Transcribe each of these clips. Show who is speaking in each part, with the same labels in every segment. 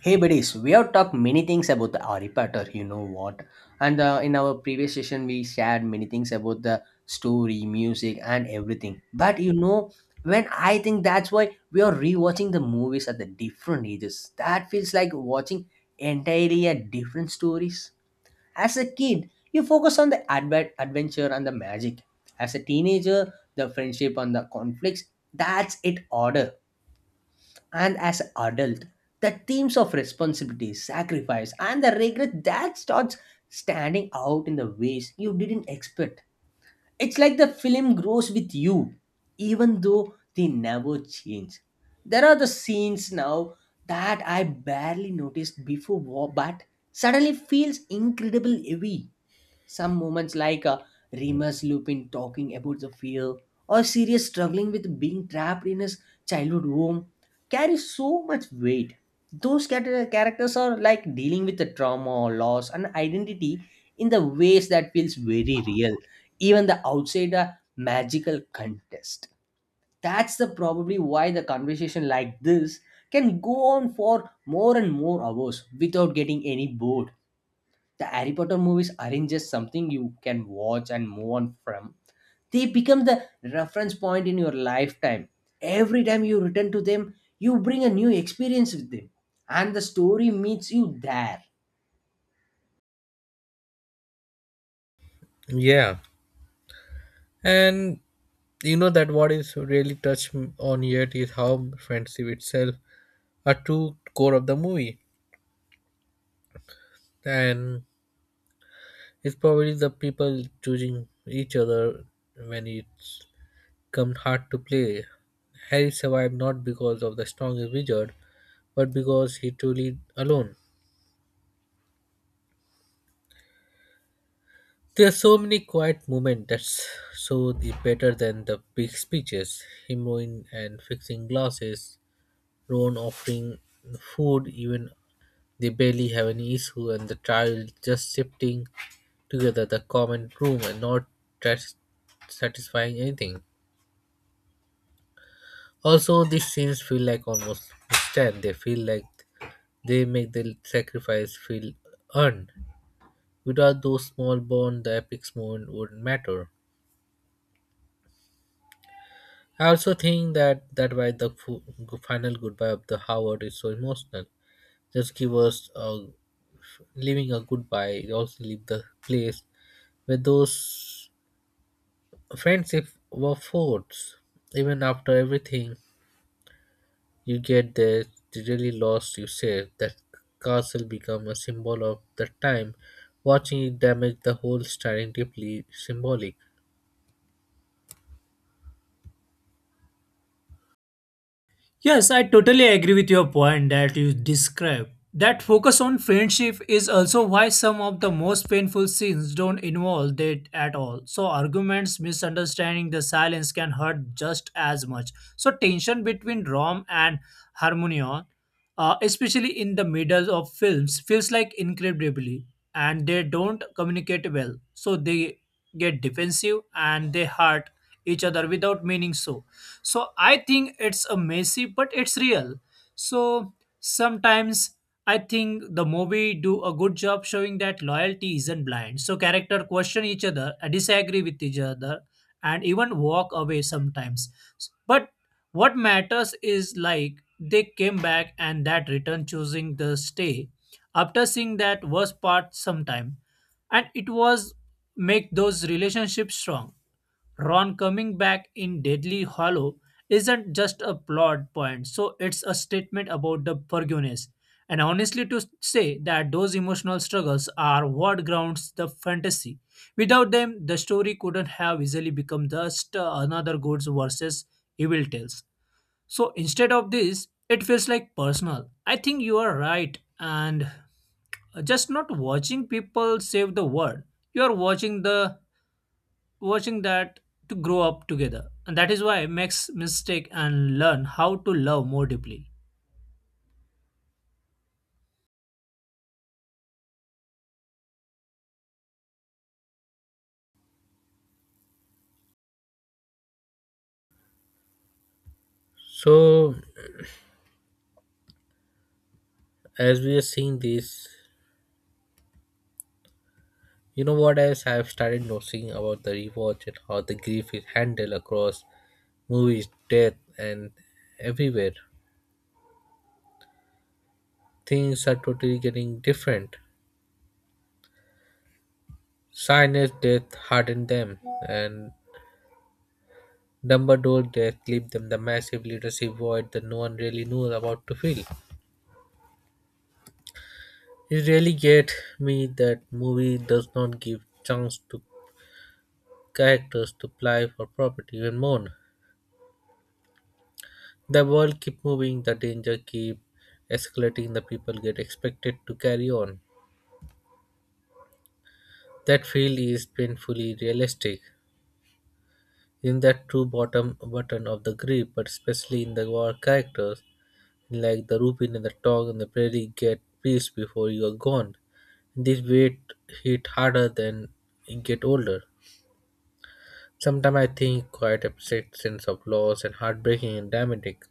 Speaker 1: Hey buddies, we have talked many things about the Harry Potter, you know what? And In our previous session, we shared many things about the story, music, and everything. But you know, when I think that's why we are rewatching the movies at the different ages, that feels like watching entirely a different stories. As a kid, you focus on the adventure and the magic. As a teenager, the friendship and the conflicts. That's it order and as an adult, the themes of responsibility, sacrifice, and the regret that starts standing out in the ways you didn't expect. It's like the film grows with you, even though they never change. There are the scenes now that I barely noticed before, but suddenly feels incredible heavy some moments, like Remus Lupin talking about the fear, or Sirius struggling with being trapped in his childhood home, carry so much weight. Those characters are like dealing with the trauma, loss, and identity in the ways that feels very real, even the outsider magical contest. That's the probably why the conversation like this can go on for more and more hours without getting any bored the Harry Potter movies aren't just something you can watch and move on from. They become the reference point in your lifetime. Every time you return to them, you bring a new experience with them, and the story meets you there.
Speaker 2: Yeah, and that what is really touched on yet is how friendship itself a true core of the movie, and it's probably the people choosing each other when it's come hard to play. Harry survived not because of the strongest wizard, but because he truly alone. There are so many quiet moments that's so the better than the big speeches. Him rowing and fixing glasses, Ron offering food even they barely have any issue and the trio just shifting together the common room and not tras- satisfying anything. Also, these scenes feel like almost stand. They feel like they make the sacrifice feel earned. Without those small bonds, the epic moment wouldn't matter. I also think that why the final goodbye of the Howard is so emotional. Just give us a, leaving a goodbye. It also leave the place where those friendship were forts. Even after everything you get there, the really lost you save. That castle become a symbol of the time. Watching it damage the whole styling deeply symbolic.
Speaker 3: Yes, I totally agree with your point that you describe. That focus on friendship is also why some of the most painful scenes don't involve it at all. So arguments, misunderstanding, the silence can hurt just as much. So tension between Rom and Harmonion, especially in the middle of films, feels like incredibly, and they don't communicate well. So they get defensive and they hurt each other without meaning so I think it's a messy but it's real. So sometimes I think the movie do a good job showing that loyalty isn't blind. So character question each other, disagree with each other and even walk away sometimes, but what matters is like they came back, and that return choosing the stay after seeing that worst part sometime, and it was make those relationships strong. Ron coming back in Deadly Hollow isn't just a plot point, so it's a statement about the forgiveness. And honestly, to say that those emotional struggles are what grounds the fantasy. Without them, the story couldn't have easily become just another goods versus evil tales. So instead of this, it feels like personal. I think you are right, and just not watching people save the world. You are watching the watching that to grow up together. And that is why makes mistake and learn how to love more deeply.
Speaker 2: So as we are seeing this, you know what else I've started noticing about the rewatch and how the grief is handled across movies, death and everywhere. Things are totally getting different. Silence death hardened them and Dumbledore there gave them the massive leadership void that no one really knows about to fill. It really gets me that movie does not give chance to characters to apply for property even more. The world keep moving, the danger keep escalating, the people get expected to carry on. That feel is painfully realistic. In that true bottom button of the grip, but especially in the war characters, like the rupin and the dog and the prairie get peace before you are gone. This weight hit harder than you get older. Sometimes I think quite upset sense of loss and heartbreaking and dramatic.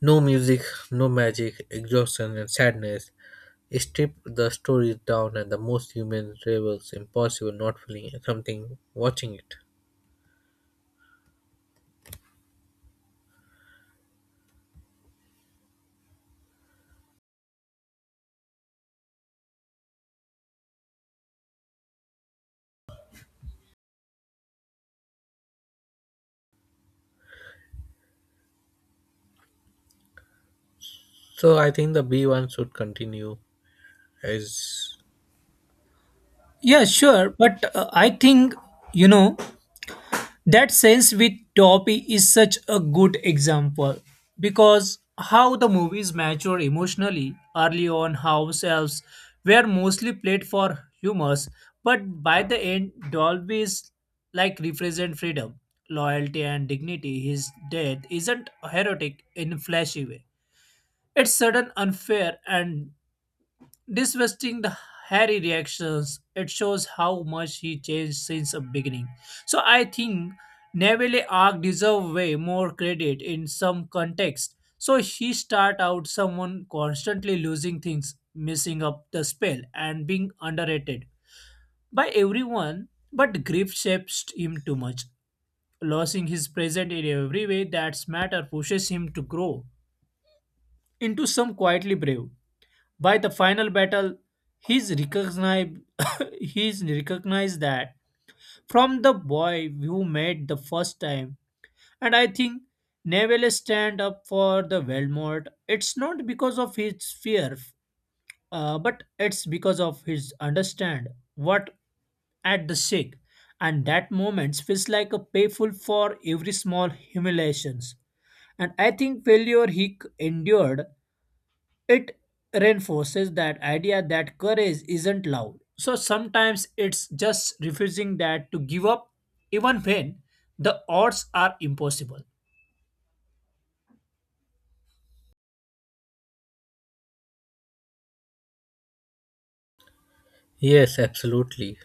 Speaker 2: No music, no magic, exhaustion and sadness. Strip the stories down and the most human rebels impossible not feeling something watching it. So I think the B1 should continue as
Speaker 3: Yeah, sure. But I think, you know, that sense with Toppy is such a good example because how the movies mature emotionally early on, how selves were mostly played for humors, but by the end, Dolby's like represent freedom, loyalty, and dignity. His death isn't heroic in a flashy way. It's sudden, unfair, and disgusting the Harry reactions. It shows how much he changed since the beginning. So I think Neville Arc deserve way more credit in some context. So he start out someone constantly losing things, missing up the spell, and being underrated by everyone. But grief shapes him too much. Losing his present in every way that's matter pushes him to grow into some quietly brave. By the final battle, he's recognized, he's recognized that from the boy you met the first time. And I think Neville stand up for the Voldemort. It's not because of his fear, but it's because of his understand what at the sick. And that moment feels like a payful for every small humiliations. And I think failure endured it reinforces that idea that courage isn't loud. So sometimes it's just refusing that to give up even when the odds are impossible.
Speaker 2: yes, absolutely.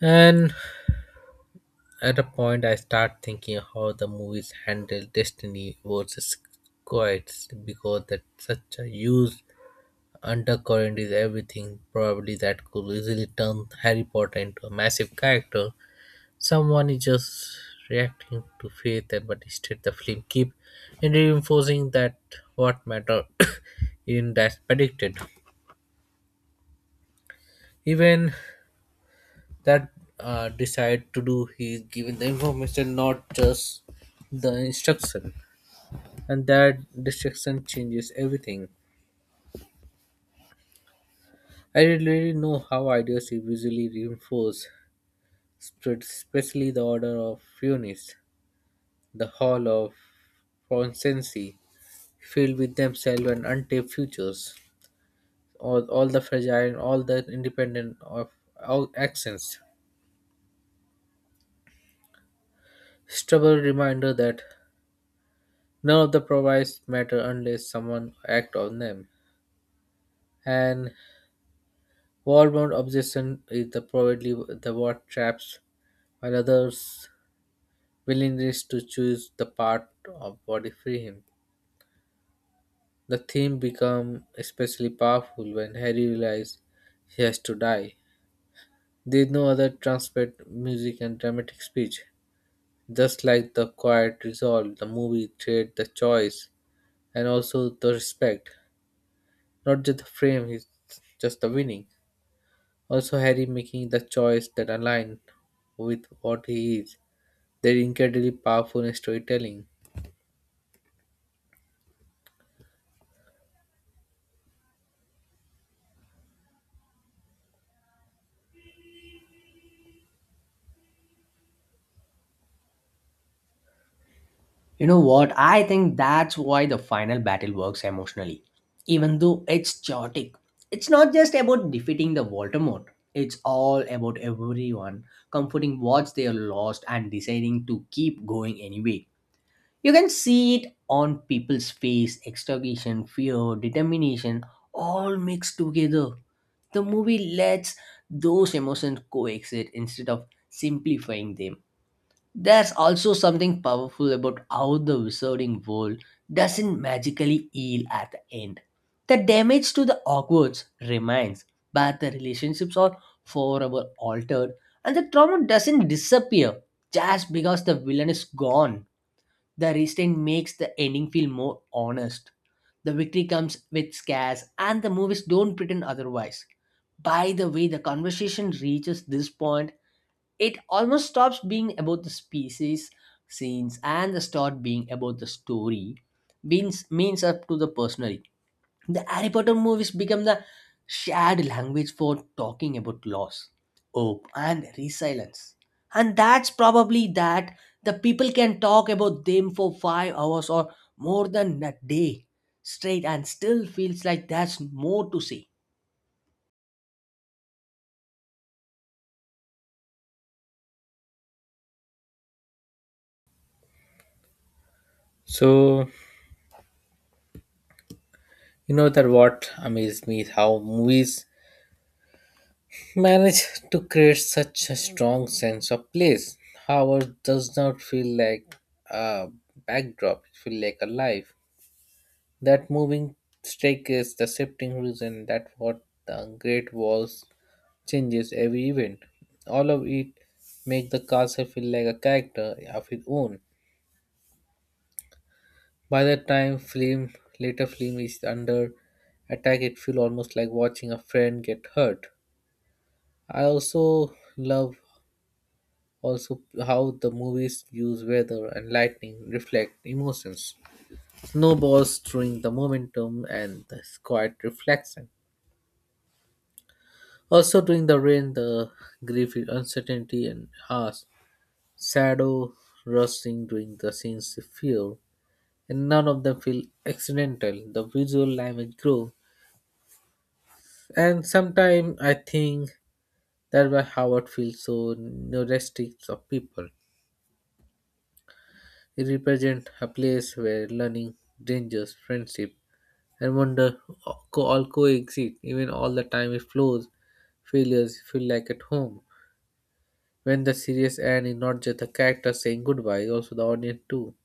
Speaker 2: And at a point, I start thinking how the movies handle destiny versus quits because that such a huge undercurrent is everything. Probably that could easily turn Harry Potter into a massive character. Someone is just reacting to fate, but instead the film keep in reinforcing that what matter in that predicted. Even that decide to do, he is given the information, not just the instruction. And that distraction changes everything. I didn't really know how ideas visually reinforce, spread, especially the order of Funis, the hall of Fonsensi, filled with themselves and untapped futures, all the fragile and all the independent of all actions. Stubborn reminder that none of the provides matter unless someone act on them. And war bound obsession is the probably the what traps while others willingness to choose the part of body free him. The theme become especially powerful when Harry realizes he has to die. There is no other transparent music and dramatic speech. Just like the quiet resolve, the movie trade the choice and also the respect. Not just the frame, he's just the winning. Also Harry making the choice that align with what he is. They're incredibly powerful in storytelling.
Speaker 1: You know what? I think that's why the final battle works emotionally. Even though it's chaotic, it's not just about defeating the Voldemort. It's all about everyone comforting what they are lost and deciding to keep going anyway. You can see it on people's face, extraction, fear, determination, all mixed together. The movie lets those emotions coexist instead of simplifying them. There's also something powerful about how the wizarding world doesn't magically heal at the end. The damage to the Hogwarts remains, but the relationships are forever altered, and the trauma doesn't disappear just because the villain is gone. The restraint makes the ending feel more honest. The victory comes with scares, and the movies don't pretend otherwise. By the way, the conversation reaches this point, it almost stops being about the species, scenes, and the start being about the story, means up to the personal. The Harry Potter movies become the shared language for talking about loss, hope, and resilience. And that's probably that the people can talk about them for 5 hours or more than a day straight and still feels like there's more to say.
Speaker 2: So you know that what amazed me is how movies manage to create such a strong sense of place. Howard does not feel like a backdrop; it feels like a life. That moving staircase, the shifting horizon, that what the great walls changes every event. All of it make the castle feel like a character of its own. By the time film later film is under attack, it feels almost like watching a friend get hurt. I also love also how the movies use weather and lightning reflect emotions. Snowballs during the momentum and the quiet reflection. Also during the rain, the grief, uncertainty, and harsh shadow rushing during the scenes of fear, and none of them feel accidental. The visual language grows, and sometimes I think that's why Howard feels so nostalgic of people. It represents a place where learning, dangers, friendship, and wonder all coexist. Even all the time it flows, failures feel like at home. When the series ends, it's not just the character saying goodbye, it's also the audience too.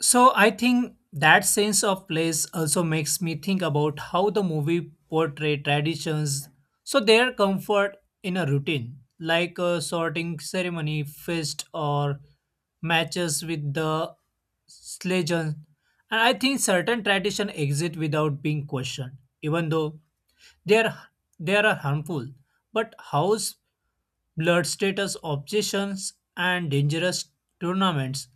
Speaker 3: So I think that sense of place also makes me think about how the movie portray traditions. So their comfort in a routine, like a sorting ceremony, feast, or matches with the legend. And I think certain tradition exist without being questioned, even though they are they are harmful, but house blood status obsessions and dangerous tournaments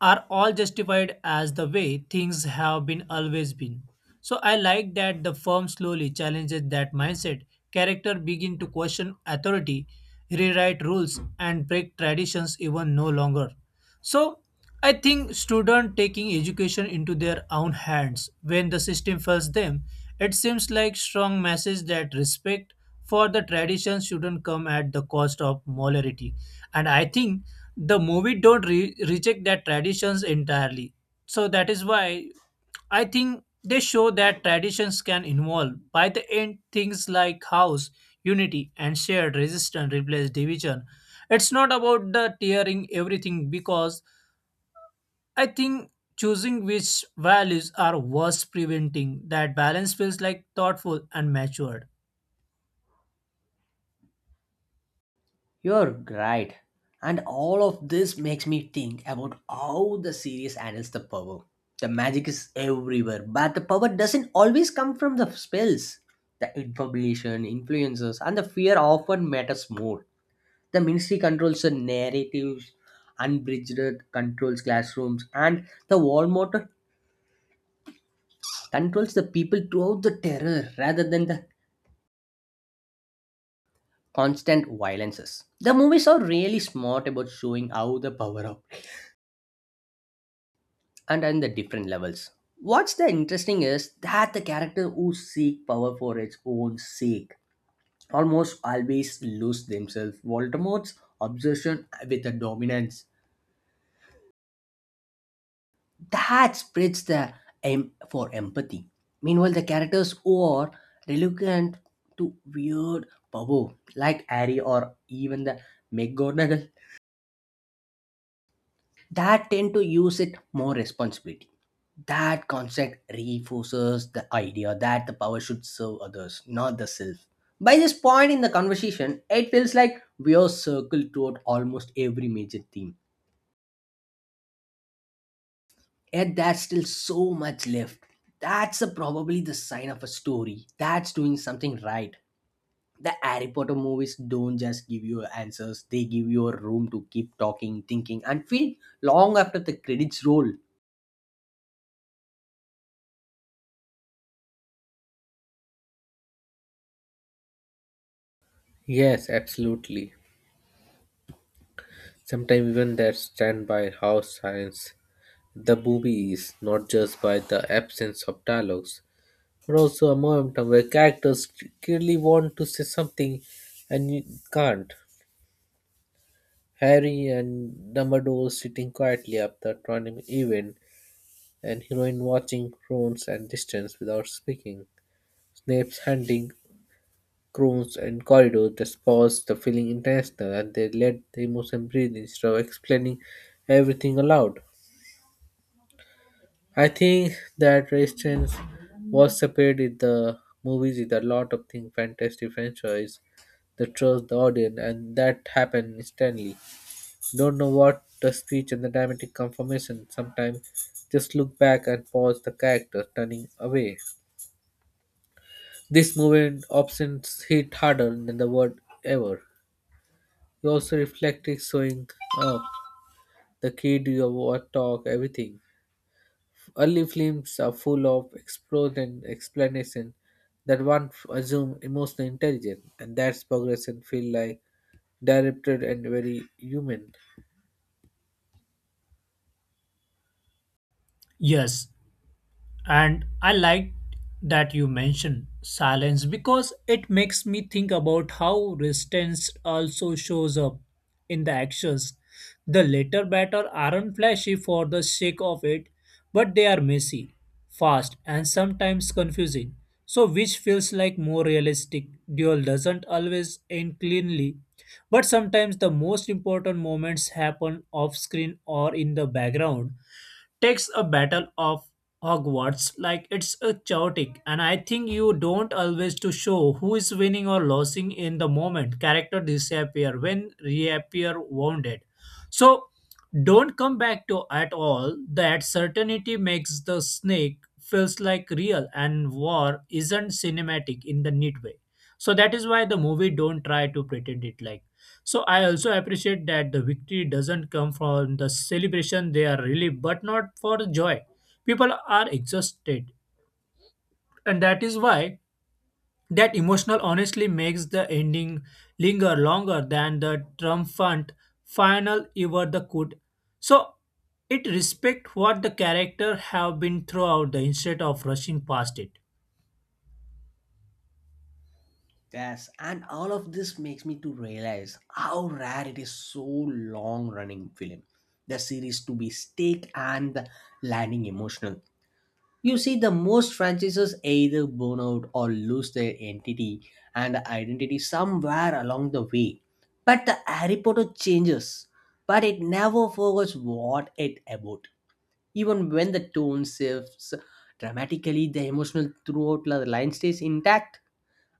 Speaker 3: are all justified as the way things have been always been. So I like that the firm slowly challenges that mindset. Character begin to question authority, rewrite rules, and break traditions even no longer. So I think students taking education into their own hands when the system fails them, it seems like strong message that respect for the tradition shouldn't come at the cost of morality. And I think the movie don't reject that traditions entirely. So that is why I think they show that traditions can involve by the end things like house, unity, and shared resistance replace division. It's not about the tearing everything because I think choosing which values are worth preventing that balance feels like thoughtful and matured.
Speaker 1: You're right. And all of this makes me think about how the series handles the power. The magic is everywhere, but the power doesn't always come from the spells. The information, influences, and the fear often matters more. The ministry controls the narratives, unbridged controls classrooms, and the Walmart controls the people throughout the terror rather than the constant violences. The movies are really smart about showing how the power of and in the different levels. What's the interesting is that the character who seek power for its own sake almost always lose themselves. Voldemort's obsession with the dominance that spreads the aim for empathy. Meanwhile, the characters who are reluctant to weird power, like Harry or even the McGonagall, that tend to use it more responsibility. That concept reinforces the idea that the power should serve others, not the self. By this point in the conversation, it feels like we are circled throughout almost every major theme. Yet there's still so much left. That's a, probably the sign of a story that's doing something right. The Harry Potter movies don't just give you answers, they give you a room to keep talking, thinking, and feeling long after the credits roll.
Speaker 2: Yes, absolutely. Sometimes even that stand by how science the movie is, not just by the absence of dialogues, but also a momentum where characters clearly want to say something and you can't. Harry and Dumbledore sitting quietly up the tournament event, and heroine watching Crones and distance without speaking. Snape's hunting Crones in corridors just paused the feeling intentional and they let the emotion breathe instead of explaining everything aloud. I think that resistance was separated in the movies with a lot of things fantastic franchise, the trust the audience and that happened instantly. Don't know what the speech and the dramatic conformation. Sometimes just look back and pause the character turning away. This movement often hit harder than the word ever. You also reflected showing up the kid you what talk everything. Early films are full of explosion and explanation that one assume emotional intelligence and that's progression feel like directed and very human.
Speaker 3: Yes, and I liked that you mentioned silence because it makes me think about how resistance also shows up in the actions. The later batter aren't flashy for the sake of it, but they are messy, fast, and sometimes confusing. So, which feels like more realistic? Duel doesn't always end cleanly, but sometimes the most important moments happen off screen or in the background takes a battle of Hogwarts like it's a chaotic and I think you don't always to show who is winning or losing in the moment. Character disappear when reappear wounded. So don't come back to at all. That certainty makes the snake feels like real and war isn't cinematic in the neat way. So that is why the movie don't try to pretend it like. So I also appreciate that the victory doesn't come from the celebration, they are relieved, but not for joy. People are exhausted, and that is why that emotional honestly makes the ending linger longer than the triumphant final ever the could. So it respect what the character have been throughout the instead of rushing past it.
Speaker 1: Yes, and all of this makes me to realize how rare it is so long running film. The series to be stake and the landing emotional. You see, the most franchises either burn out or lose their entity and identity somewhere along the way. But the Harry Potter changes, but it never forgets what it about. Even when the tone shifts dramatically, the emotional throughout the line stays intact.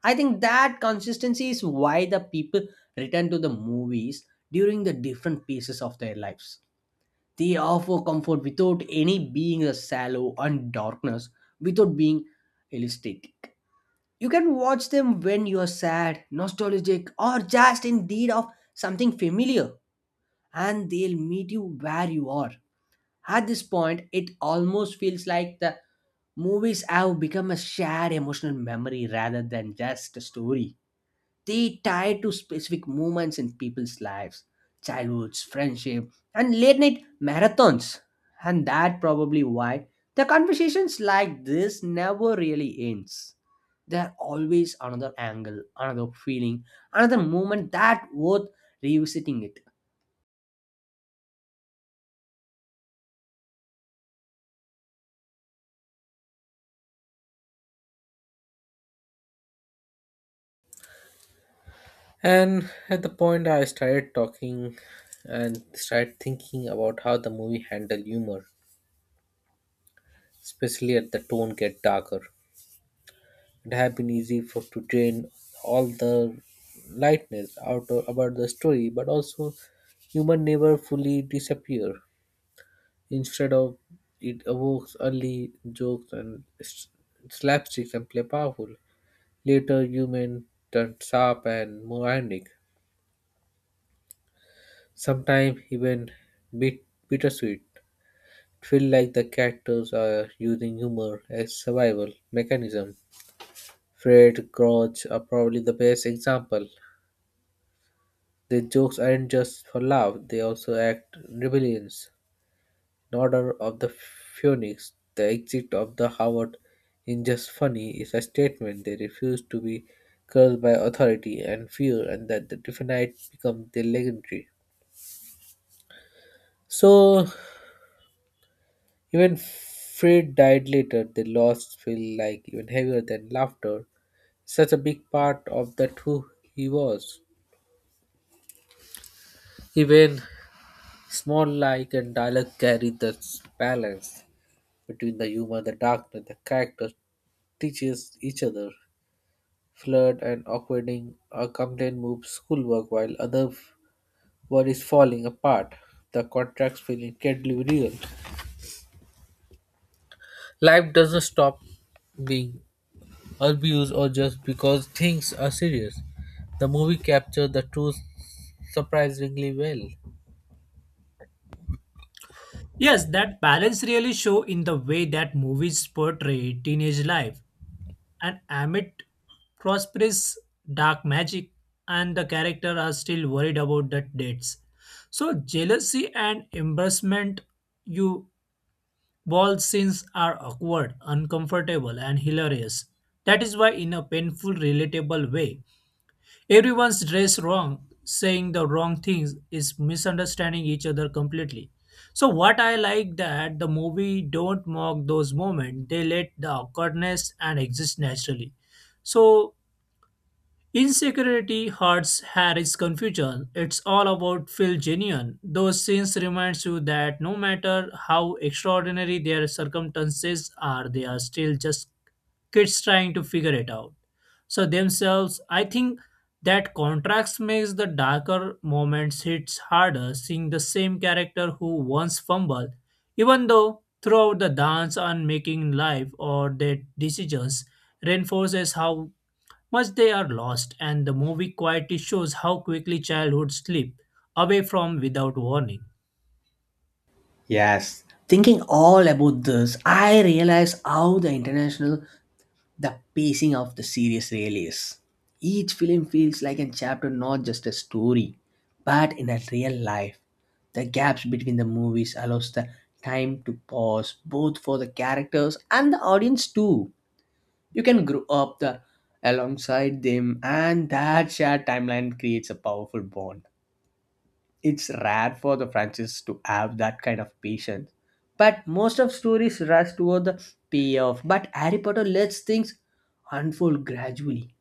Speaker 1: I think that consistency is why the people return to the movies during the different phases of their lives. They offer comfort without any being a shallow and darkness, without being elastic. You can watch them when you are sad, nostalgic, or just in need of something familiar, and they'll meet you where you are. At this point, it almost feels like the movies have become a shared emotional memory rather than just a story. They tie to specific moments in people's lives, childhoods, friendship, and late night marathons. And that probably why the conversations like this never really ends. There are always another angle, another feeling, another moment that worth revisiting it.
Speaker 2: And at the point, I started talking and started thinking about how the movie handled humor, especially at the tone get darker. It had been easy for to drain all the lightness out of, about the story, but also humor never fully disappear. Instead of it evokes early jokes and slapsticks and play powerful. Later, human turned sharp and more ironic, sometimes even bit bittersweet. Feel like the characters are using humor as survival mechanism. Fred, Grouch are probably the best example. Their jokes aren't just for laugh; they also act rebellions. In Order of the Phoenix, the exit of the Howard in just funny is a statement. They refuse to be cursed by authority and fear, and that the definite becomes their legendary. So even Fred died later. The loss feel like even heavier than laughter such a big part of that who he was. Even small like and dialogue carry this balance between the humor, the darkness, the characters teaches each other. Flirt and awkwarding a complaint moves schoolwork while other word is falling apart. The contracts feel incredibly real. Life doesn't stop being abused or just because things are serious. The movie captured the truth surprisingly well.
Speaker 3: Yes, that balance really show in the way that movies portray teenage life and amid prosperous dark magic and the character are still worried about the dates, so jealousy and embarrassment, you, all scenes are awkward uncomfortable and hilarious. That is why in a painful relatable way everyone's dressed wrong, saying the wrong things is misunderstanding each other completely. So what I like that the movie don't mock those moments. They let the awkwardness and exist naturally. So insecurity hurts Harry's confusion. It's all about feel genuine. Those scenes reminds you that no matter how extraordinary their circumstances are, they are still just kids trying to figure it out. So themselves, I think that contrast makes the darker moments hits harder. Seeing the same character who once fumbled, even though throughout the dance on making life or their decisions, reinforces how much they are lost, and the movie quietly shows how quickly childhood slip away from without warning.
Speaker 1: Yes. Thinking all about this, I realize how the international the pacing of the series really is. Each film feels like a chapter, not just a story, but in a real life. The gaps between the movies allows the time to pause, both for the characters and the audience too. You can grow up the alongside them, and that shared timeline creates a powerful bond it's rare for the franchise to have that kind of patience. But most of stories rush toward the payoff. But Harry Potter lets things unfold gradually.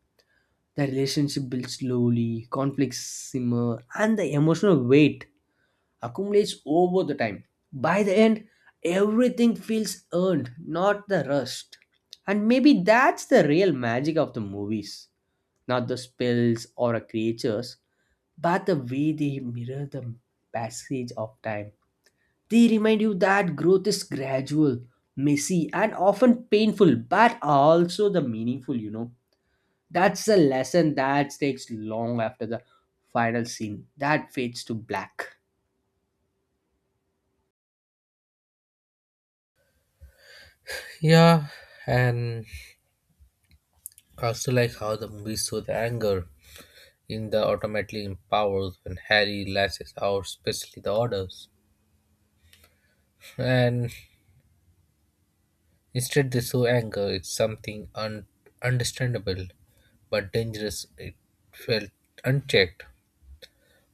Speaker 1: The relationship builds slowly, conflicts simmer, and the emotional weight accumulates over the time. By the end, everything feels earned, not the rushed. And maybe that's the real magic of the movies, not the spells or a creatures but the way they mirror the passage of time. They remind you that growth is gradual, messy, and often painful, but also the meaningful, you know. That's the lesson that takes long after the final scene that fades to black.
Speaker 2: Yeah, and I also like how the movie shows the anger in the automatically empowers when Harry lashes out, especially the orders. And instead, they show anger. It's something understandable but dangerous. It felt unchecked.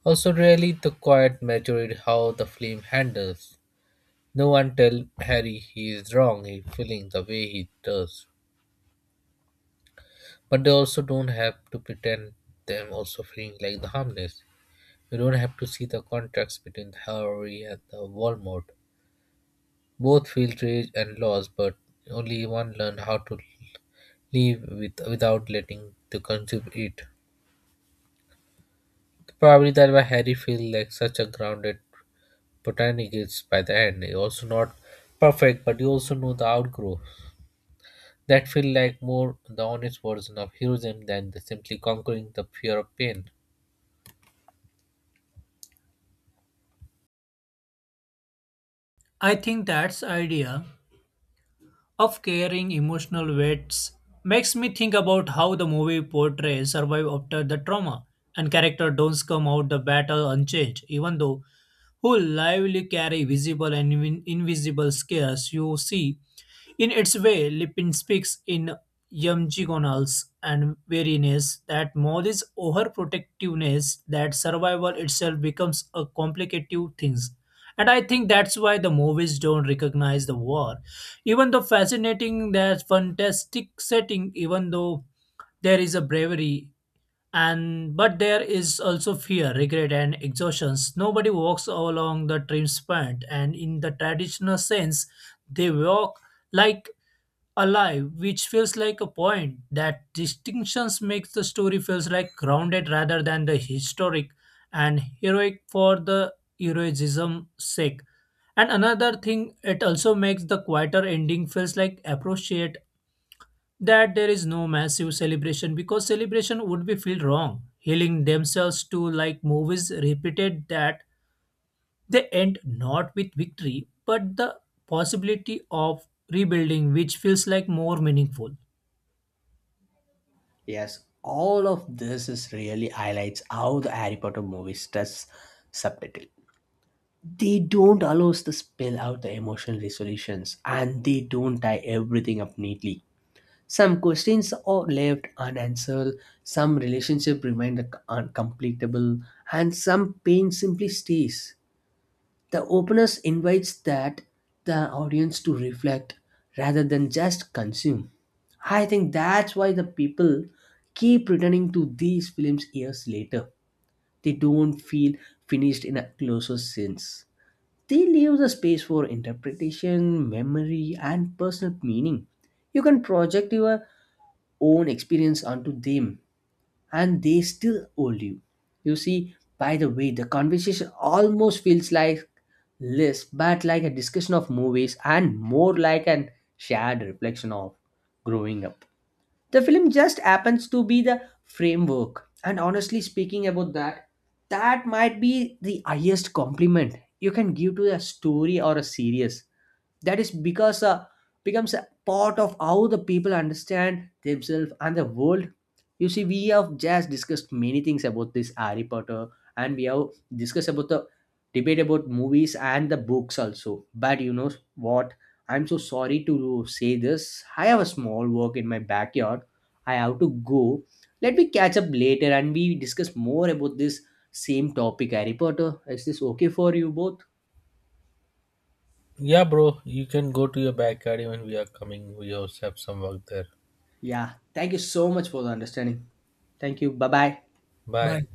Speaker 2: Also, really, the quiet majority how the film handles. No one tell Harry he is wrong. He feeling the way he does, but they also don't have to pretend them also feeling like the harmless. You don't have to see the contrast between the Howery and the Walmart. Both feel rage and loss, but only one learned how to live with, without letting the consume it. Probably that why Harry feels like such a grounded botanist by the end. He also not perfect, but you also know the outgrowth. That feel like more the honest version of heroism than the simply conquering the fear of pain.
Speaker 3: I think that's idea of carrying emotional weights makes me think about how the movie portrays survive after the trauma, and character don't come out the battle unchanged, even though who lively carry visible and invisible scares you see. In its way, Lipin speaks in Yumjigonals and wariness that Molly's overprotectiveness that survival itself becomes a complicative thing. And I think that's why the movies don't recognize the war. Even though fascinating that fantastic setting, even though there is a bravery and but there is also fear, regret and exhaustions. Nobody walks along the trim span and in the traditional sense they walk like alive, which feels like a point. That distinctions makes the story feels like grounded rather than the historic and heroic for the heroism sake. And another thing, it also makes the quieter ending feels like appreciate that there is no massive celebration because celebration would be feel wrong. Healing themselves to like movies repeated that they end not with victory but the possibility of rebuilding which feels like more meaningful.
Speaker 1: Yes, all of this is really highlights how the Harry Potter movies does subtitle. They don't allow us to spill out the emotional resolutions and they don't tie everything up neatly. Some questions are left unanswered, some relationships remain uncompletable, and some pain simply stays. The openness invites that the audience to reflect rather than just consume. I think that's why the people keep returning to these films years later. They don't feel finished in a closer sense. They leave the space for interpretation, memory, and personal meaning. You can project your own experience onto them and they still hold you. You see, by the way, the conversation almost feels like less but like a discussion of movies and more like an shared reflection of growing up. The film just happens to be the framework, and honestly speaking about that, that might be the highest compliment you can give to a story or a series that is because becomes a part of how the people understand themselves and the world. You see, we have just discussed many things about this Harry Potter, and we have discussed about the debate about movies and the books also, but you know what? I'm so sorry to say this, I have a small work in my backyard. I have to go. Let me catch up later and we discuss more about this same topic, Harry Potter. Is this okay for you both?
Speaker 2: Yeah, bro, you can go to your backyard even we are coming. We also have some work there.
Speaker 1: Yeah. Thank you so much for the understanding. Thank you. Bye bye.
Speaker 2: Bye.
Speaker 3: Bye.